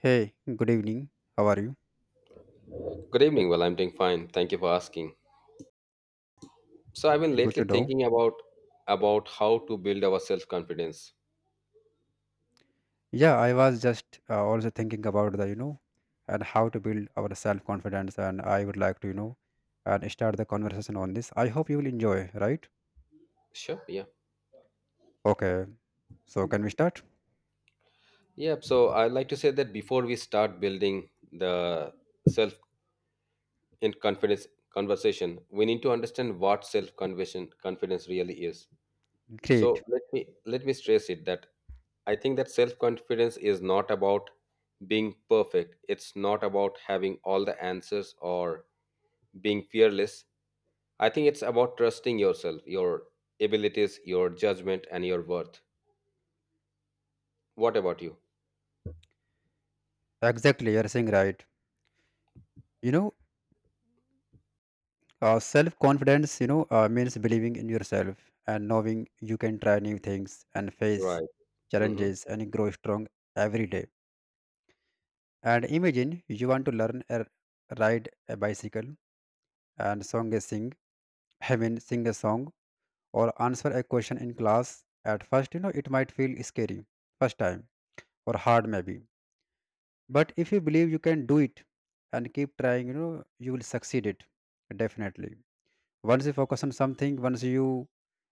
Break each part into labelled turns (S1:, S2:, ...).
S1: Hey, good evening. How are you?
S2: Good evening. Well, I'm doing fine. Thank you for asking. So I've been
S1: Good
S2: lately
S1: to know.
S2: thinking about how to build our self-confidence.
S1: Yeah, I was just also thinking about the, and how to build our self-confidence, and I would like to, and start the conversation on this. I hope you will enjoy, right?
S2: Sure. Yeah.
S1: Okay, so can we start?
S2: Yep. So I'd like to say that before we start building the self in confidence conversation, we need to understand what self conversion confidence really is. So
S1: Great.
S2: let me stress it that I think that self-confidence is not about being perfect. It's not about having all the answers or being fearless. I think it's about trusting yourself, your abilities, your judgment, and your worth. What about you?
S1: Exactly, you're saying right. You know, self-confidence, means believing in yourself and knowing you can try new things and face
S2: Right. Mm-hmm.
S1: challenges and grow strong every day. And imagine you want to learn a ride a bicycle and I mean sing a song or answer a question in class. At first, it might feel scary first time or hard maybe. But if you believe you can do it and keep trying, you will succeed it definitely. Once you focus on something, once you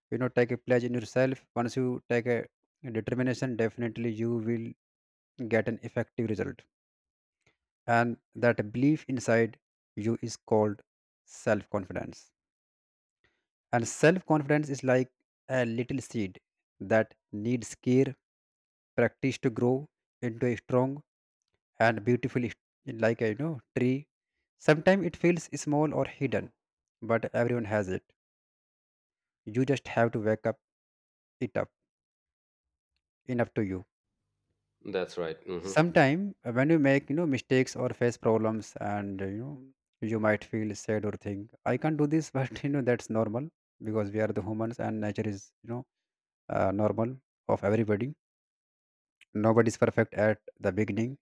S1: you know take a pledge in yourself, once you take a determination, definitely you will get an effective result. And that belief inside you is called self confidence, and self confidence is like a little seed that needs care, practice to grow into a strong and beautiful like a tree. Sometimes it feels small or hidden, but everyone has it. You just have to wake up it up enough to you.
S2: That's right. Mm-hmm.
S1: Sometime when you make mistakes or face problems and you might feel sad or think I can't do this but that's normal because we are the humans and nature is normal of everybody. Nobody is perfect at the beginning,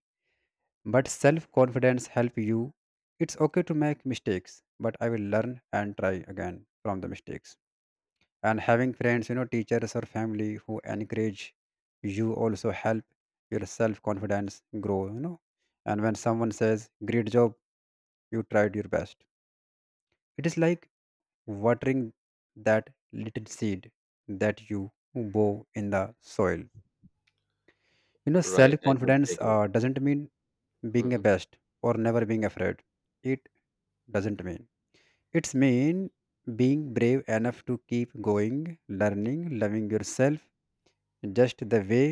S1: but self confidence help you. It's okay to make mistakes, but I will learn and try again from the mistakes. And having friends, teachers or family who encourage you also help your self confidence grow. And when someone says great job, you tried your best, it is like watering that little seed that you bow in the soil.
S2: Right.
S1: Self
S2: I
S1: confidence
S2: completely agree.
S1: doesn't mean being
S2: Mm-hmm.
S1: a best or never being afraid. It doesn't mean, it's mean being brave enough to keep going, learning, loving yourself just the way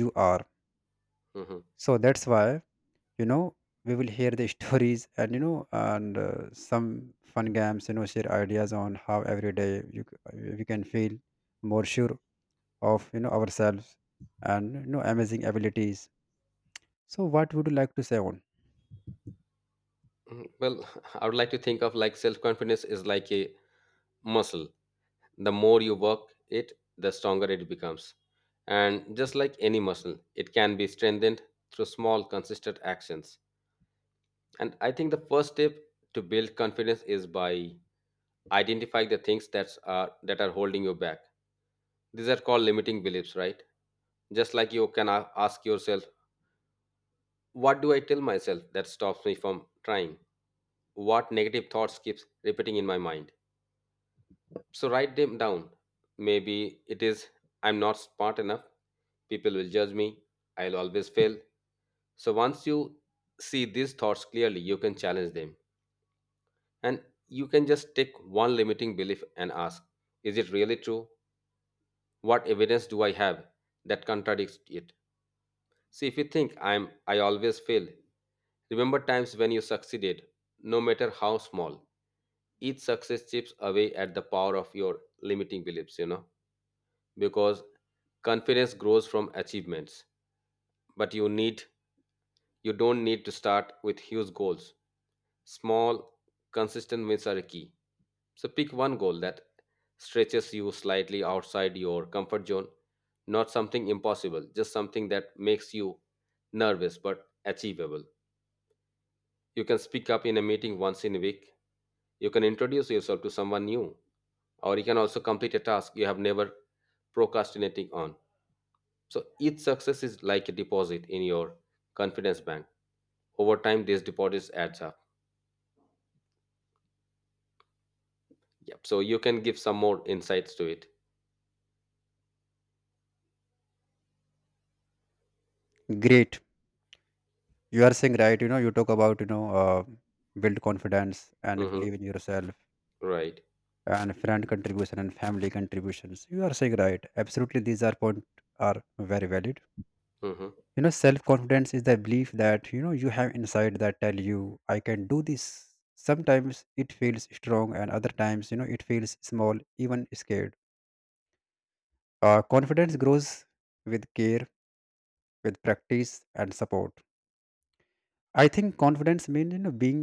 S1: you are.
S2: Mm-hmm.
S1: So that's why, you know we will hear the stories and and some fun games, share ideas on how every day we can feel more sure of, ourselves and amazing abilities. So what would you like to say on?
S2: Mm-hmm. Well, I would like to think of like self confidence is like a muscle. The more you work it, the stronger it becomes, and just like any muscle, it can be strengthened through small, consistent actions. And I think the first step to build confidence is by identifying the things that are holding you back. These are called limiting beliefs, right? Just like you can ask yourself, what do I tell myself that stops me from trying? What negative thoughts keeps repeating in my mind? So write them down. Maybe it is, I'm not smart enough. People will judge me. I'll always fail. So once you see these thoughts clearly, you can challenge them. And you can just take one limiting belief and ask, is it really true? What evidence do I have that contradicts it? See, if you think I always fail, remember times when you succeeded, no matter how small. Each success chips away at the power of your limiting beliefs, you know. Because confidence grows from achievements, but you don't need to start with huge goals. Small, consistent wins are key. So pick one goal that stretches you slightly outside your comfort zone, not something impossible, just something that makes you nervous but achievable. You can speak up in a meeting once in a week. You can introduce yourself to someone new, or you can also complete a task you have never procrastinating on. So each success is like a deposit in your confidence bank. Over time, these deposits adds up. Yep. So you can give some more insights to it.
S1: Great, you are saying right. You talk about, build confidence and
S2: Mm-hmm.
S1: believe in yourself,
S2: Right.
S1: and friend contribution and family contributions, you are saying right. Absolutely these are point are very valid.
S2: Mm-hmm.
S1: Self confidence is the belief that, you have inside that tell you I can do this. Sometimes it feels strong and other times, it feels small, even scared. Confidence grows with care, with practice and support. I think confidence means, being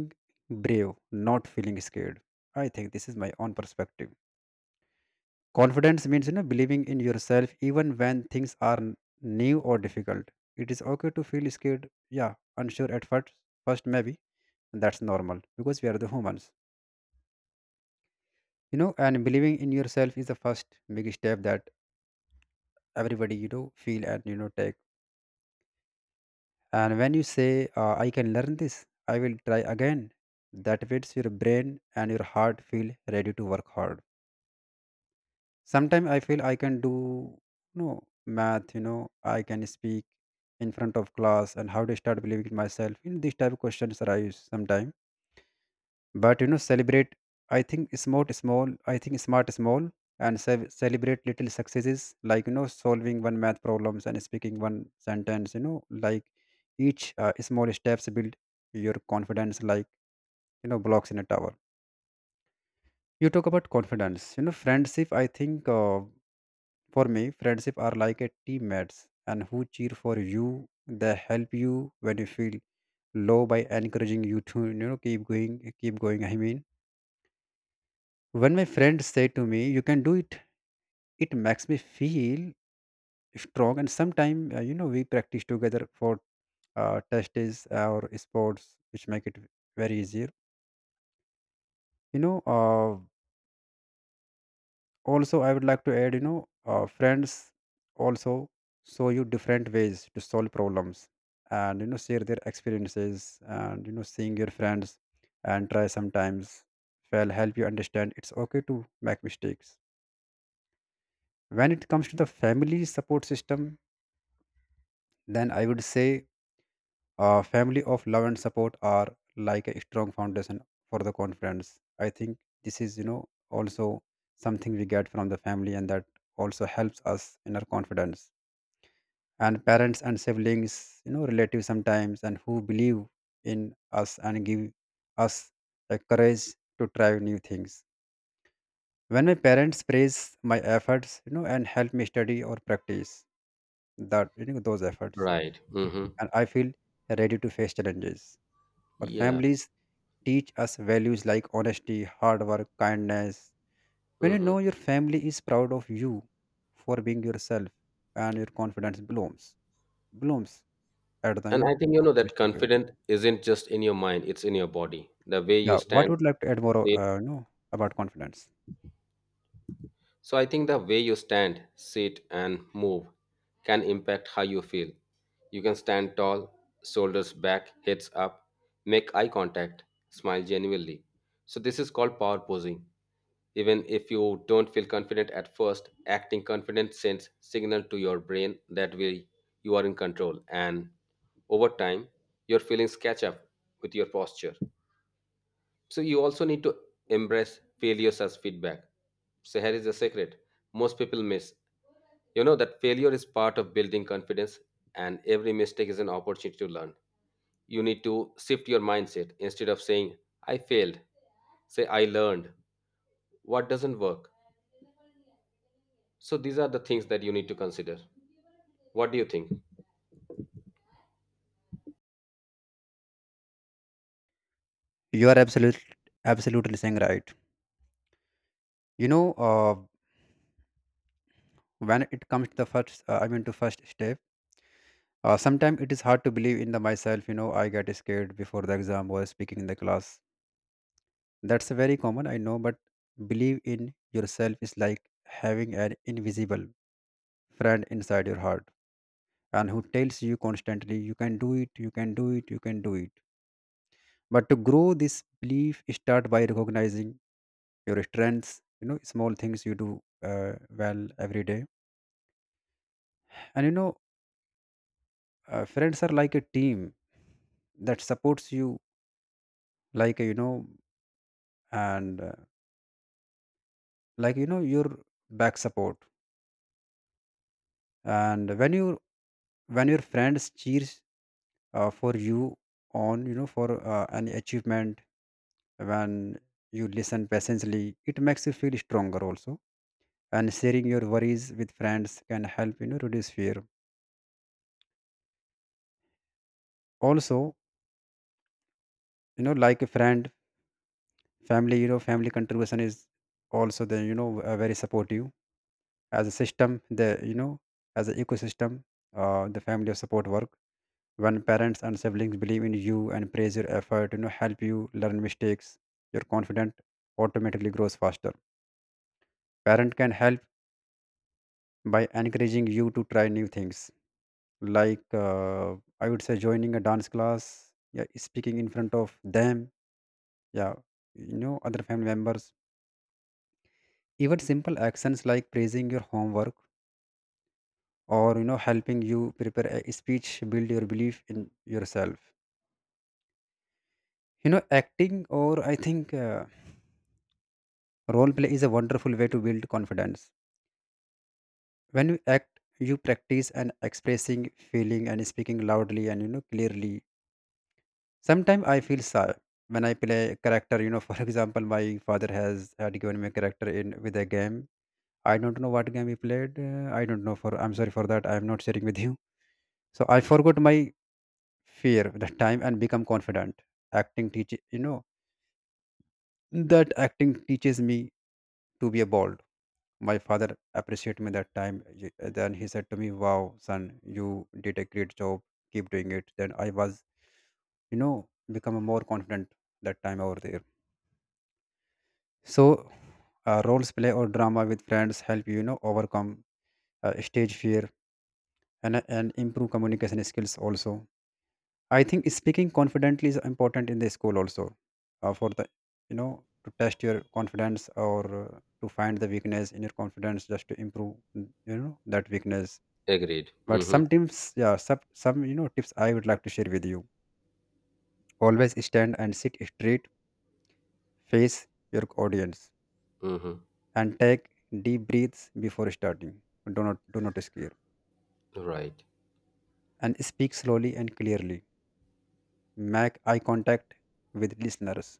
S1: brave, not feeling scared. I think this is my own perspective. Confidence means, believing in yourself even when things are new or difficult. It is okay to feel scared, yeah, unsure at first, first maybe, that's normal because we are the humans. You know, and believing in yourself is the first big step that everybody, feel and, take. And when you say, "I can learn this," I will try again. That makes your brain and your heart feel ready to work hard. Sometimes I feel I can do no math, I can speak in front of class, and how to start believing in myself, these type of questions arise sometimes. But celebrate, I think smart small, I think smart small, and celebrate little successes like, solving one math problems and speaking one sentence, like each small steps build your confidence like, blocks in a tower. You talk about confidence, friendship. I think for me, friendship are like a teammates and who cheer for you. They help you when you feel low by encouraging you to keep going, keep going. I mean, when my friends say to me, "You can do it," it makes me feel strong. And sometimes we practice together for tests or sports, which make it very easier. You know, uh, also I would like to add, friends also show you different ways to solve problems and, share their experiences, and, seeing your friends and try sometimes will help you understand it's okay to make mistakes. When it comes to the family support system, then I would say family of love and support are like a strong foundation for the confidence. I think this is, also something we get from the family, and that also helps us in our confidence. And parents and siblings, relatives sometimes, and who believe in us and give us the courage to try new things. When my parents praise my efforts, and help me study or practice, that, those efforts,
S2: Right. Mm-hmm.
S1: and I feel ready to face challenges. Our
S2: Yeah.
S1: families teach us values like honesty, hard work, kindness. When,
S2: Mm-hmm.
S1: your family is proud of you for being yourself, and your confidence blooms at the,
S2: And I think, you know, that
S1: optimistic way.
S2: confident isn't just in your mind; it's in your body. The way you
S1: Yeah, what
S2: stand,
S1: would like to add more,
S2: say
S1: about confidence?
S2: So I think the way you stand, sit, and move can impact how you feel. You can stand tall, shoulders back, heads up, make eye contact, smile genuinely. So this is called power posing. Even if you don't feel confident at first, acting confident sends signal to your brain that way you are in control, and over time your feelings catch up with your posture. So you also need to embrace failures as feedback. So here is the secret most people miss. You know that failure is part of building confidence, and every mistake is an opportunity to learn. You need to shift your mindset. Instead of saying, I failed, say, I learned. What doesn't work? So these are the things that you need to consider. What do you think?
S1: You are absolutely, absolutely saying right. You know, uh, when it comes to the first, I mean, to first step, sometimes it is hard to believe in the myself. You know, I get scared before the exam or speaking in the class. That's very common, I know, but believe in yourself is like having an invisible friend inside your heart and who tells you constantly, you can do it, you can do it, you can do it. But to grow this belief, start by recognizing your strengths, small things you do uh, well every day. And, friends are like a team that supports you, like, and like, your back support. And when your friends cheers for you on, for an achievement, when you listen patiently, it makes you feel stronger also. And sharing your worries with friends can help, reduce fear also. Like a friend, family, family contribution is also the, very supportive as a system, the, as an ecosystem. The family of support work when parents and siblings believe in you and praise your effort, help you learn mistakes. Your confidence automatically grows faster. Parent can help by encouraging you to try new things, like I would say joining a dance class, yeah, speaking in front of them, yeah. Other family members, even simple actions like praising your homework, or, helping you prepare a speech, build your belief in yourself. Acting, or I think role play is a wonderful way to build confidence. When you act, you practice and expressing feeling and speaking loudly and, clearly. Sometimes I feel shy when I play a character, for example, my father has had given me a character in with a game. I don't know what game he played, I don't know for, I'm sorry for that, I'm not sharing with you. So I forgot my fear with the time and become confident. Acting teach you know that Acting teaches me to be a bold. My father appreciated me that time. Then he said to me, wow son, you did a great job, keep doing it. Then I was, you know become a more confident that time over there. So roles play or drama with friends help you, you know overcome stage fear, and improve communication skills also. I think speaking confidently is important in the school also, for the, to test your confidence, or to find the weakness in your confidence, just to improve, that weakness.
S2: Agreed.
S1: But
S2: Mm-hmm.
S1: some tips, yeah, some tips I would like to share with you. Always stand and sit straight, face your audience,
S2: Mm-hmm.
S1: and take deep breaths before starting. Do not scare,
S2: Right.
S1: and speak slowly and clearly. Make eye contact with listeners.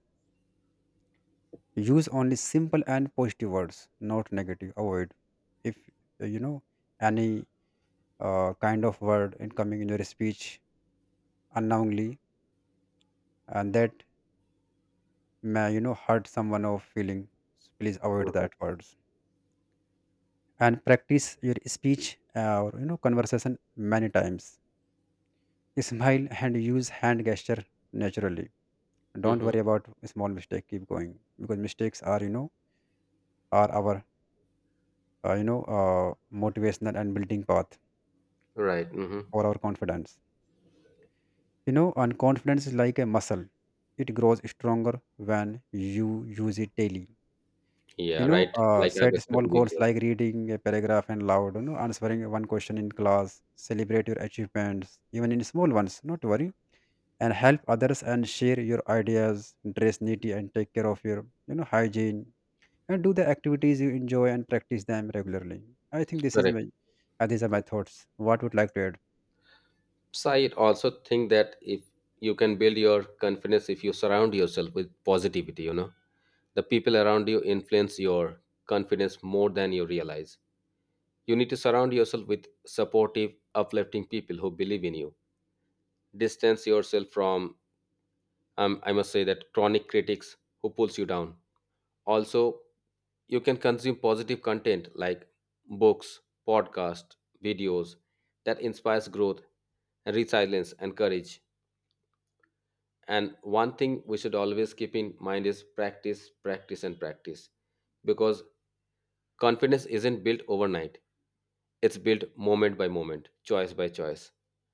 S1: Use only simple and positive words, not negative. Avoid if, uh, you know any kind of word in coming in your speech unknowingly, and that may, hurt someone or feeling. Please avoid
S2: Mm-hmm.
S1: that words and practice your speech, or, conversation many times. Smile and use hand gesture naturally. Don't
S2: Mm-hmm.
S1: worry about small mistake. Keep going because mistakes are are our motivational and building path
S2: Right. Mm-hmm.
S1: for our confidence. And confidence is like a muscle. It grows stronger when you use it daily.
S2: Yeah, right. Like I've
S1: Set small
S2: explained
S1: goals
S2: before.
S1: like reading a paragraph and loud, answering one question in class, celebrate your achievements even in small ones, not worry, and help others and share your ideas. Dress neatly and take care of your hygiene, and do the activities you enjoy and practice them regularly. I think this is my
S2: Correct.
S1: These are my thoughts. What would like to add?
S2: So I also think that if you can build your confidence if you surround yourself with positivity, you know, the people around you influence your confidence more than you realize. You need to surround yourself with supportive, uplifting people who believe in you. Distance yourself from, I must say, that chronic critics who pulls you down. Also, you can consume positive content like books, podcasts, videos that inspires growth and resilience and courage. And one thing we should always keep in mind is practice, practice, and practice. Because confidence isn't built overnight, it's built moment by moment, choice by choice.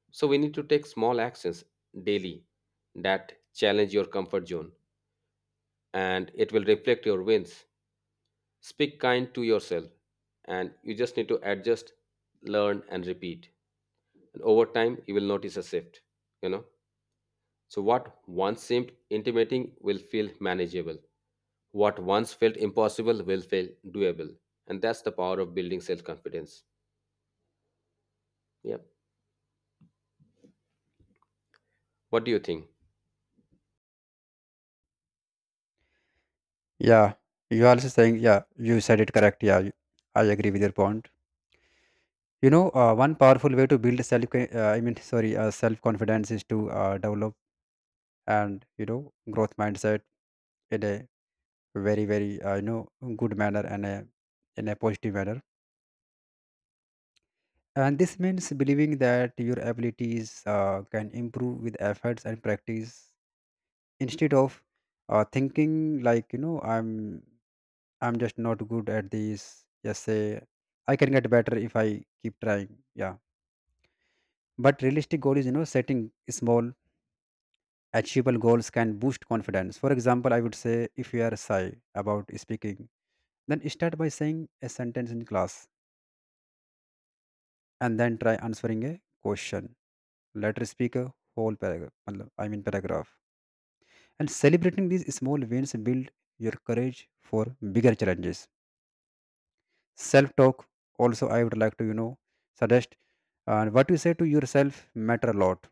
S2: So we need to take small actions daily that challenge your comfort zone, and it will reflect your wins. Speak kind to yourself, and you just need to adjust, learn, and repeat. And over time, you will notice a shift, you know. So what once seemed intimidating will feel manageable. What once felt impossible will feel doable. And that's the power of building self confidence. Yeah. What do you think?
S1: Yeah, you are also saying, yeah, you said it correct. Yeah, I agree with your point. One powerful way to build self, I mean, sorry, self confidence is to develop and you know growth mindset in a very good manner and a in a positive manner. And this means believing that your abilities can improve with efforts and practice, instead of thinking like I'm just not good at this. Just say I can get better if I keep trying. Yeah. But realistic goal is, you know, setting small, achievable goals can boost confidence. For example, I would say, if you are shy about speaking, then start by saying a sentence in class, and then try answering a question. Later speak a whole paragraph. मतलब, I mean paragraph. And celebrating these small wins build your courage for bigger challenges. Self talk, also I would like to suggest, what you say to yourself matter a lot.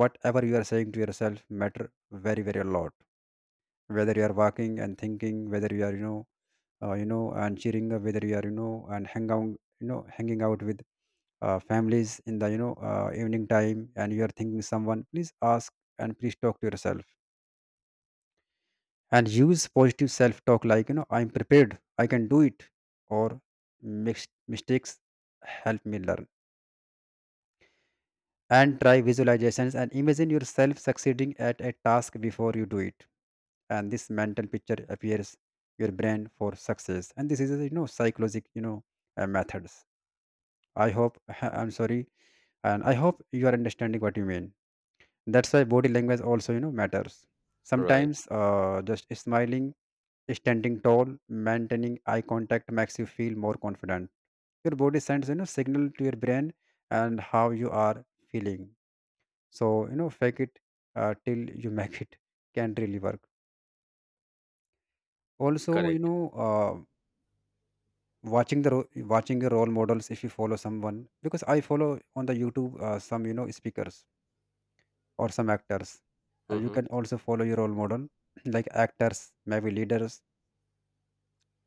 S1: Whatever you are saying to yourself matter very very a lot, whether you are walking and thinking, whether you are and cheering up, whether you are and hanging out with families in the evening time, and you are thinking, someone please ask, and please talk to yourself, and use positive self talk like I'm prepared, I can do it, or " mistakes help me learn," and try visualizations and imagine yourself succeeding at a task before you do it, and this mental picture appears your brain for success. And this is a, psychological methods. I hope I'm sorry, and I hope you are understanding what you mean. That's why body language also matters.
S2: Right.
S1: Sometimes just smiling, standing tall, maintaining eye contact makes you feel more confident. Your body sends signal to your brain and how you are feeling. So fake it till you make it can really work. Also,
S2: Correct.
S1: uh, watching the ro- watching your role models, if you follow someone, because I follow on the YouTube some speakers or some actors. And you
S2: Mm-hmm.
S1: can also follow your role model like actors, maybe leaders,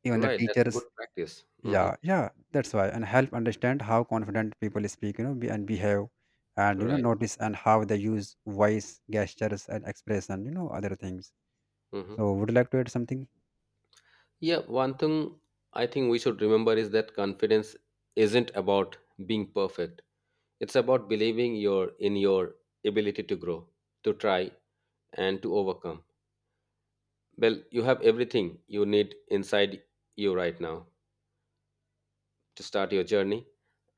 S1: even the
S2: Right. That's a
S1: teachers.
S2: good practice. Mm-hmm.
S1: Yeah, yeah, that's why. And help understand how confident people speak, you know, be, and behave, and, you know,
S2: Right.
S1: notice and how they use voice, gestures, and expression, you know, other things.
S2: Mm-hmm.
S1: So, would you like to add something?
S2: Yeah. One thing I think we should remember is that confidence isn't about being perfect, it's about believing in your ability to grow, to try, and to overcome. Well, you have everything you need inside you right now to start your journey.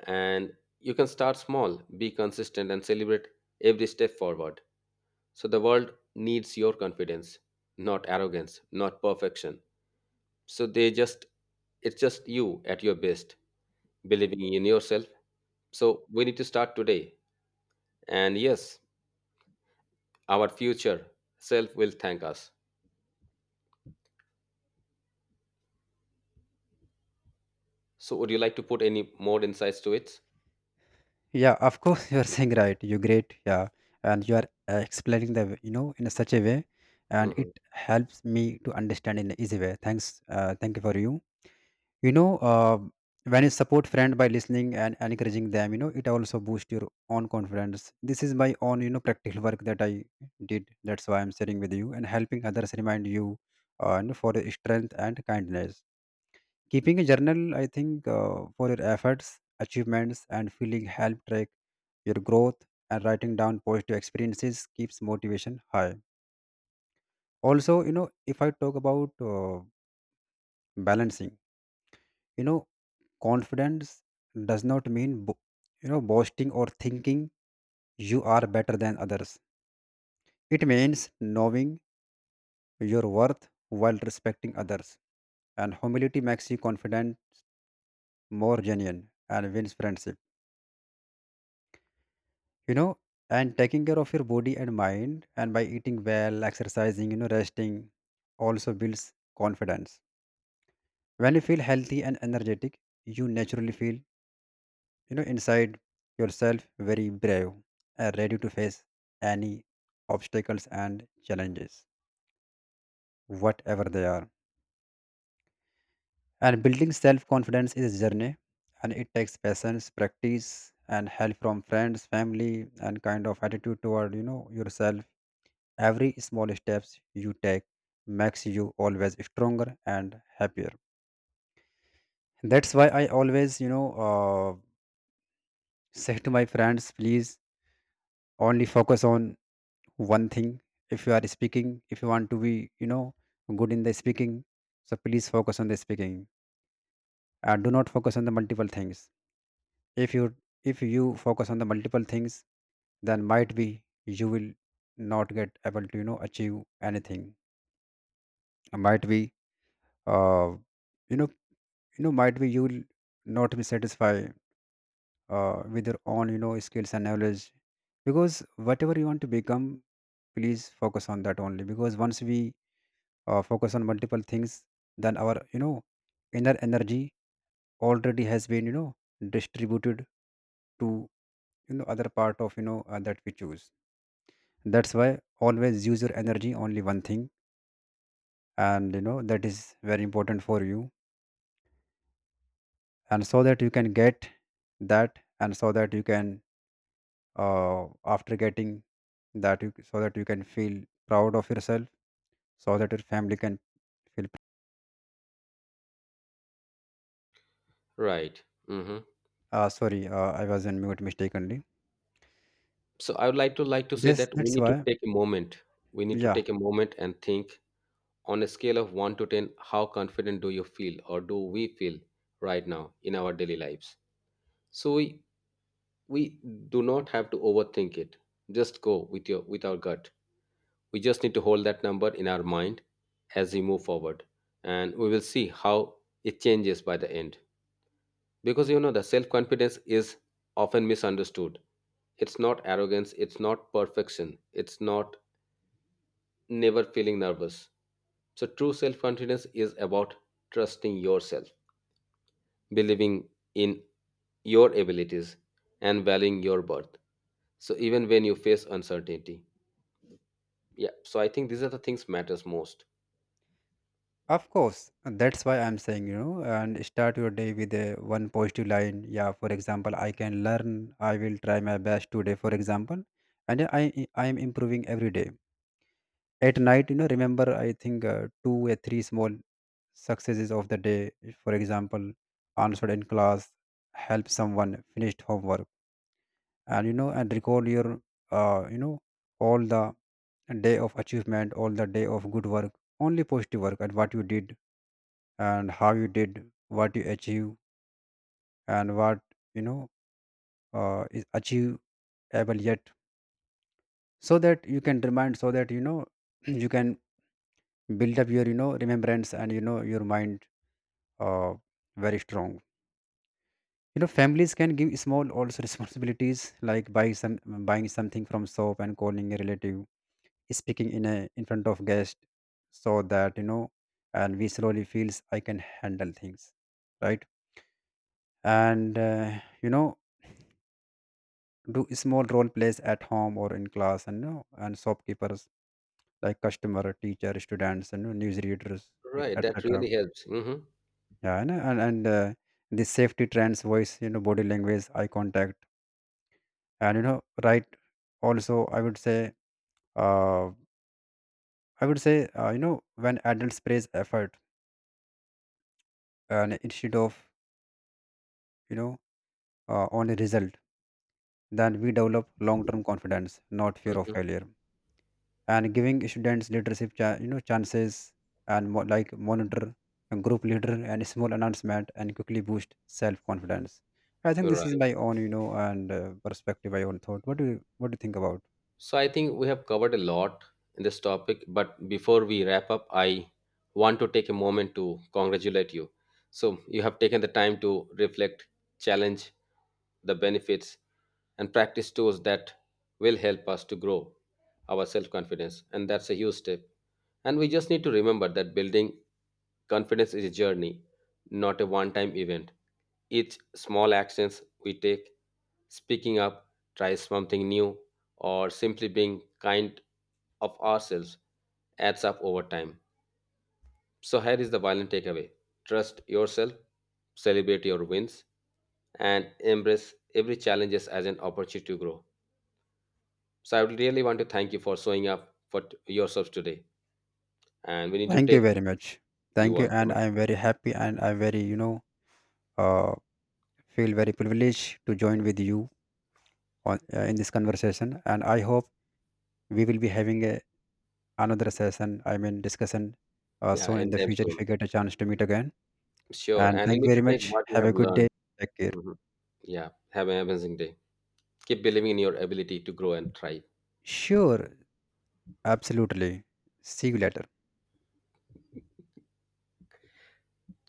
S2: And you can start small, be consistent, and celebrate every step forward. So the world needs your confidence, not arrogance, not perfection. So it's just you at your best, believing in yourself. So we need to start today. And yes, our future self will thank us. So would you like to put any more insights to it?
S1: Yeah, of course, you are saying right. You're great. Yeah, and you are explaining the, you know, in a such a way, and it
S2: Hmm.
S1: helps me to understand in an easy way. Thanks. Thank you for you. You know When you support friend by listening and encouraging them, it also boosts your own confidence. This is my own practical work that I did. That's why I'm sharing with you, and helping others remind you for your strength and kindness. Keeping a journal, I think for your efforts, achievements and feeling help track your growth, and writing down positive experiences keeps motivation high. Also, if I talk about balancing, you know confidence does not mean boasting or thinking you are better than others. It means knowing your worth while respecting others. And humility makes you confident, more genuine, and wins friendship. You know, and taking care of your body and mind, and by eating well, exercising, you know, resting, also builds confidence. When you feel healthy and energetic, you naturally feel inside yourself very brave and ready to face any obstacles and challenges whatever they are. And building self confidence is a journey, and it takes patience, practice, and help from friends, family, and kind of attitude toward yourself. Every small steps you take makes you always stronger and happier. That's why I always say to my friends, please only focus on one thing. If you are speaking, if you want to be good in the speaking, so please focus on the speaking. Do not focus on the multiple things. if you if you focus on the multiple things, then might be you will not get able to achieve anything. Might be uh, you know might be you will not be satisfied with your own skills and knowledge. Because whatever you want to become, please focus on that only, because once we focus on multiple things, then our inner energy already has been distributed to other part of that we choose. That's why always use your energy only one thing, and you know that is very important for you, and so that you can get that and so that you can after getting that, you so that you can feel proud of yourself, so that your family can feel.
S2: Right. Hmm.
S1: Sorry, I was in mute mistakenly.
S2: So I would like to say
S1: this
S2: that we
S1: that's
S2: need to
S1: why
S2: take a moment. We need to
S1: Yeah.
S2: take a moment and think, on a scale of 1 to 10, how confident do you feel, or do we feel right now in our daily lives? So we do not have to overthink it. Just go with your with our gut. We just need to hold that number in our mind as we move forward, and we will see how it changes by the end. Because, you know, the self confidence is often misunderstood. It's not arrogance, it's not perfection, it's not never feeling nervous. So, true self confidence is about trusting yourself, believing in your abilities, and valuing your worth. So, even when you face uncertainty. Yeah. So, I think these are the things matters most.
S1: Of course, that's why I'm saying, you know, and start your day with a one positive line. Yeah, for example, I can learn. I will try my best today, for example, and I am improving every day. At night, you know, remember, I think two or three small successes of the day. For example, answered in class, help someone, finished homework, and, you know, and record your, uh, you know, all the day of achievement, all the day of good work, only positive work, and what you did and how you did, what you achieve, and what you know is achievable yet, so that you can remind, so that you know you can build up your, you know, remembrance and, you know, your mind uh, very strong. You know, families can give small also responsibilities like buying something from shop and calling a relative, speaking in front of guest, so that you know, and we slowly feels I can handle things, right? And uh, you know do small role plays at home or in class, and, you know, and shopkeepers like customer, teacher, students, and, you know, news readers, yeah,
S2: Right. That
S1: etc.
S2: really helps. Mm-hmm.
S1: Yeah, and the safety trends voice, you know, body language, eye contact, and you know, right. Also, uh, I would say, you know, when adults praise effort and instead of you know only result, then we develop long term confidence, not fear of
S2: Mm-hmm.
S1: failure. And giving students leadership chances, and like monitor, a group leader, and small announcement, and quickly boost self confidence. I think this is
S2: Right.
S1: my own, you know, and perspective, my own thought. What do you think about?
S2: So I think we have covered a lot in this topic, but before we wrap up, I want to take a moment to congratulate you. So you have taken the time to reflect, challenge the benefits, and practice tools that will help us to grow our self confidence. And that's a huge step. And we just need to remember that building confidence is a journey, not a one time event. Each small actions we take, speaking up, try something new, or simply being kind of ourselves adds up over time. So, here is the violent takeaway, trust yourself, celebrate your wins, and embrace every challenges as an opportunity to grow. So, I would really want to thank you for showing up for yourselves today. And we need to
S1: Thank you
S2: take
S1: very much.
S2: you
S1: Thank you,
S2: all,
S1: and I am very happy, and I very uh, feel very privileged to join with you in this conversation, and I hope we will be having a, another session I mean discussion
S2: yeah,
S1: soon in the
S2: anytime
S1: future, if we
S2: soon.
S1: get a chance to meet again.
S2: Sure.
S1: And
S2: And we
S1: thank you
S2: need to
S1: very
S2: take
S1: much.
S2: what you
S1: Have
S2: have
S1: a good
S2: learned.
S1: day. Take care.
S2: Mhm. Yeah. Have an amazing day. Keep believing in your ability to grow and thrive.
S1: Sure. Absolutely. See you later.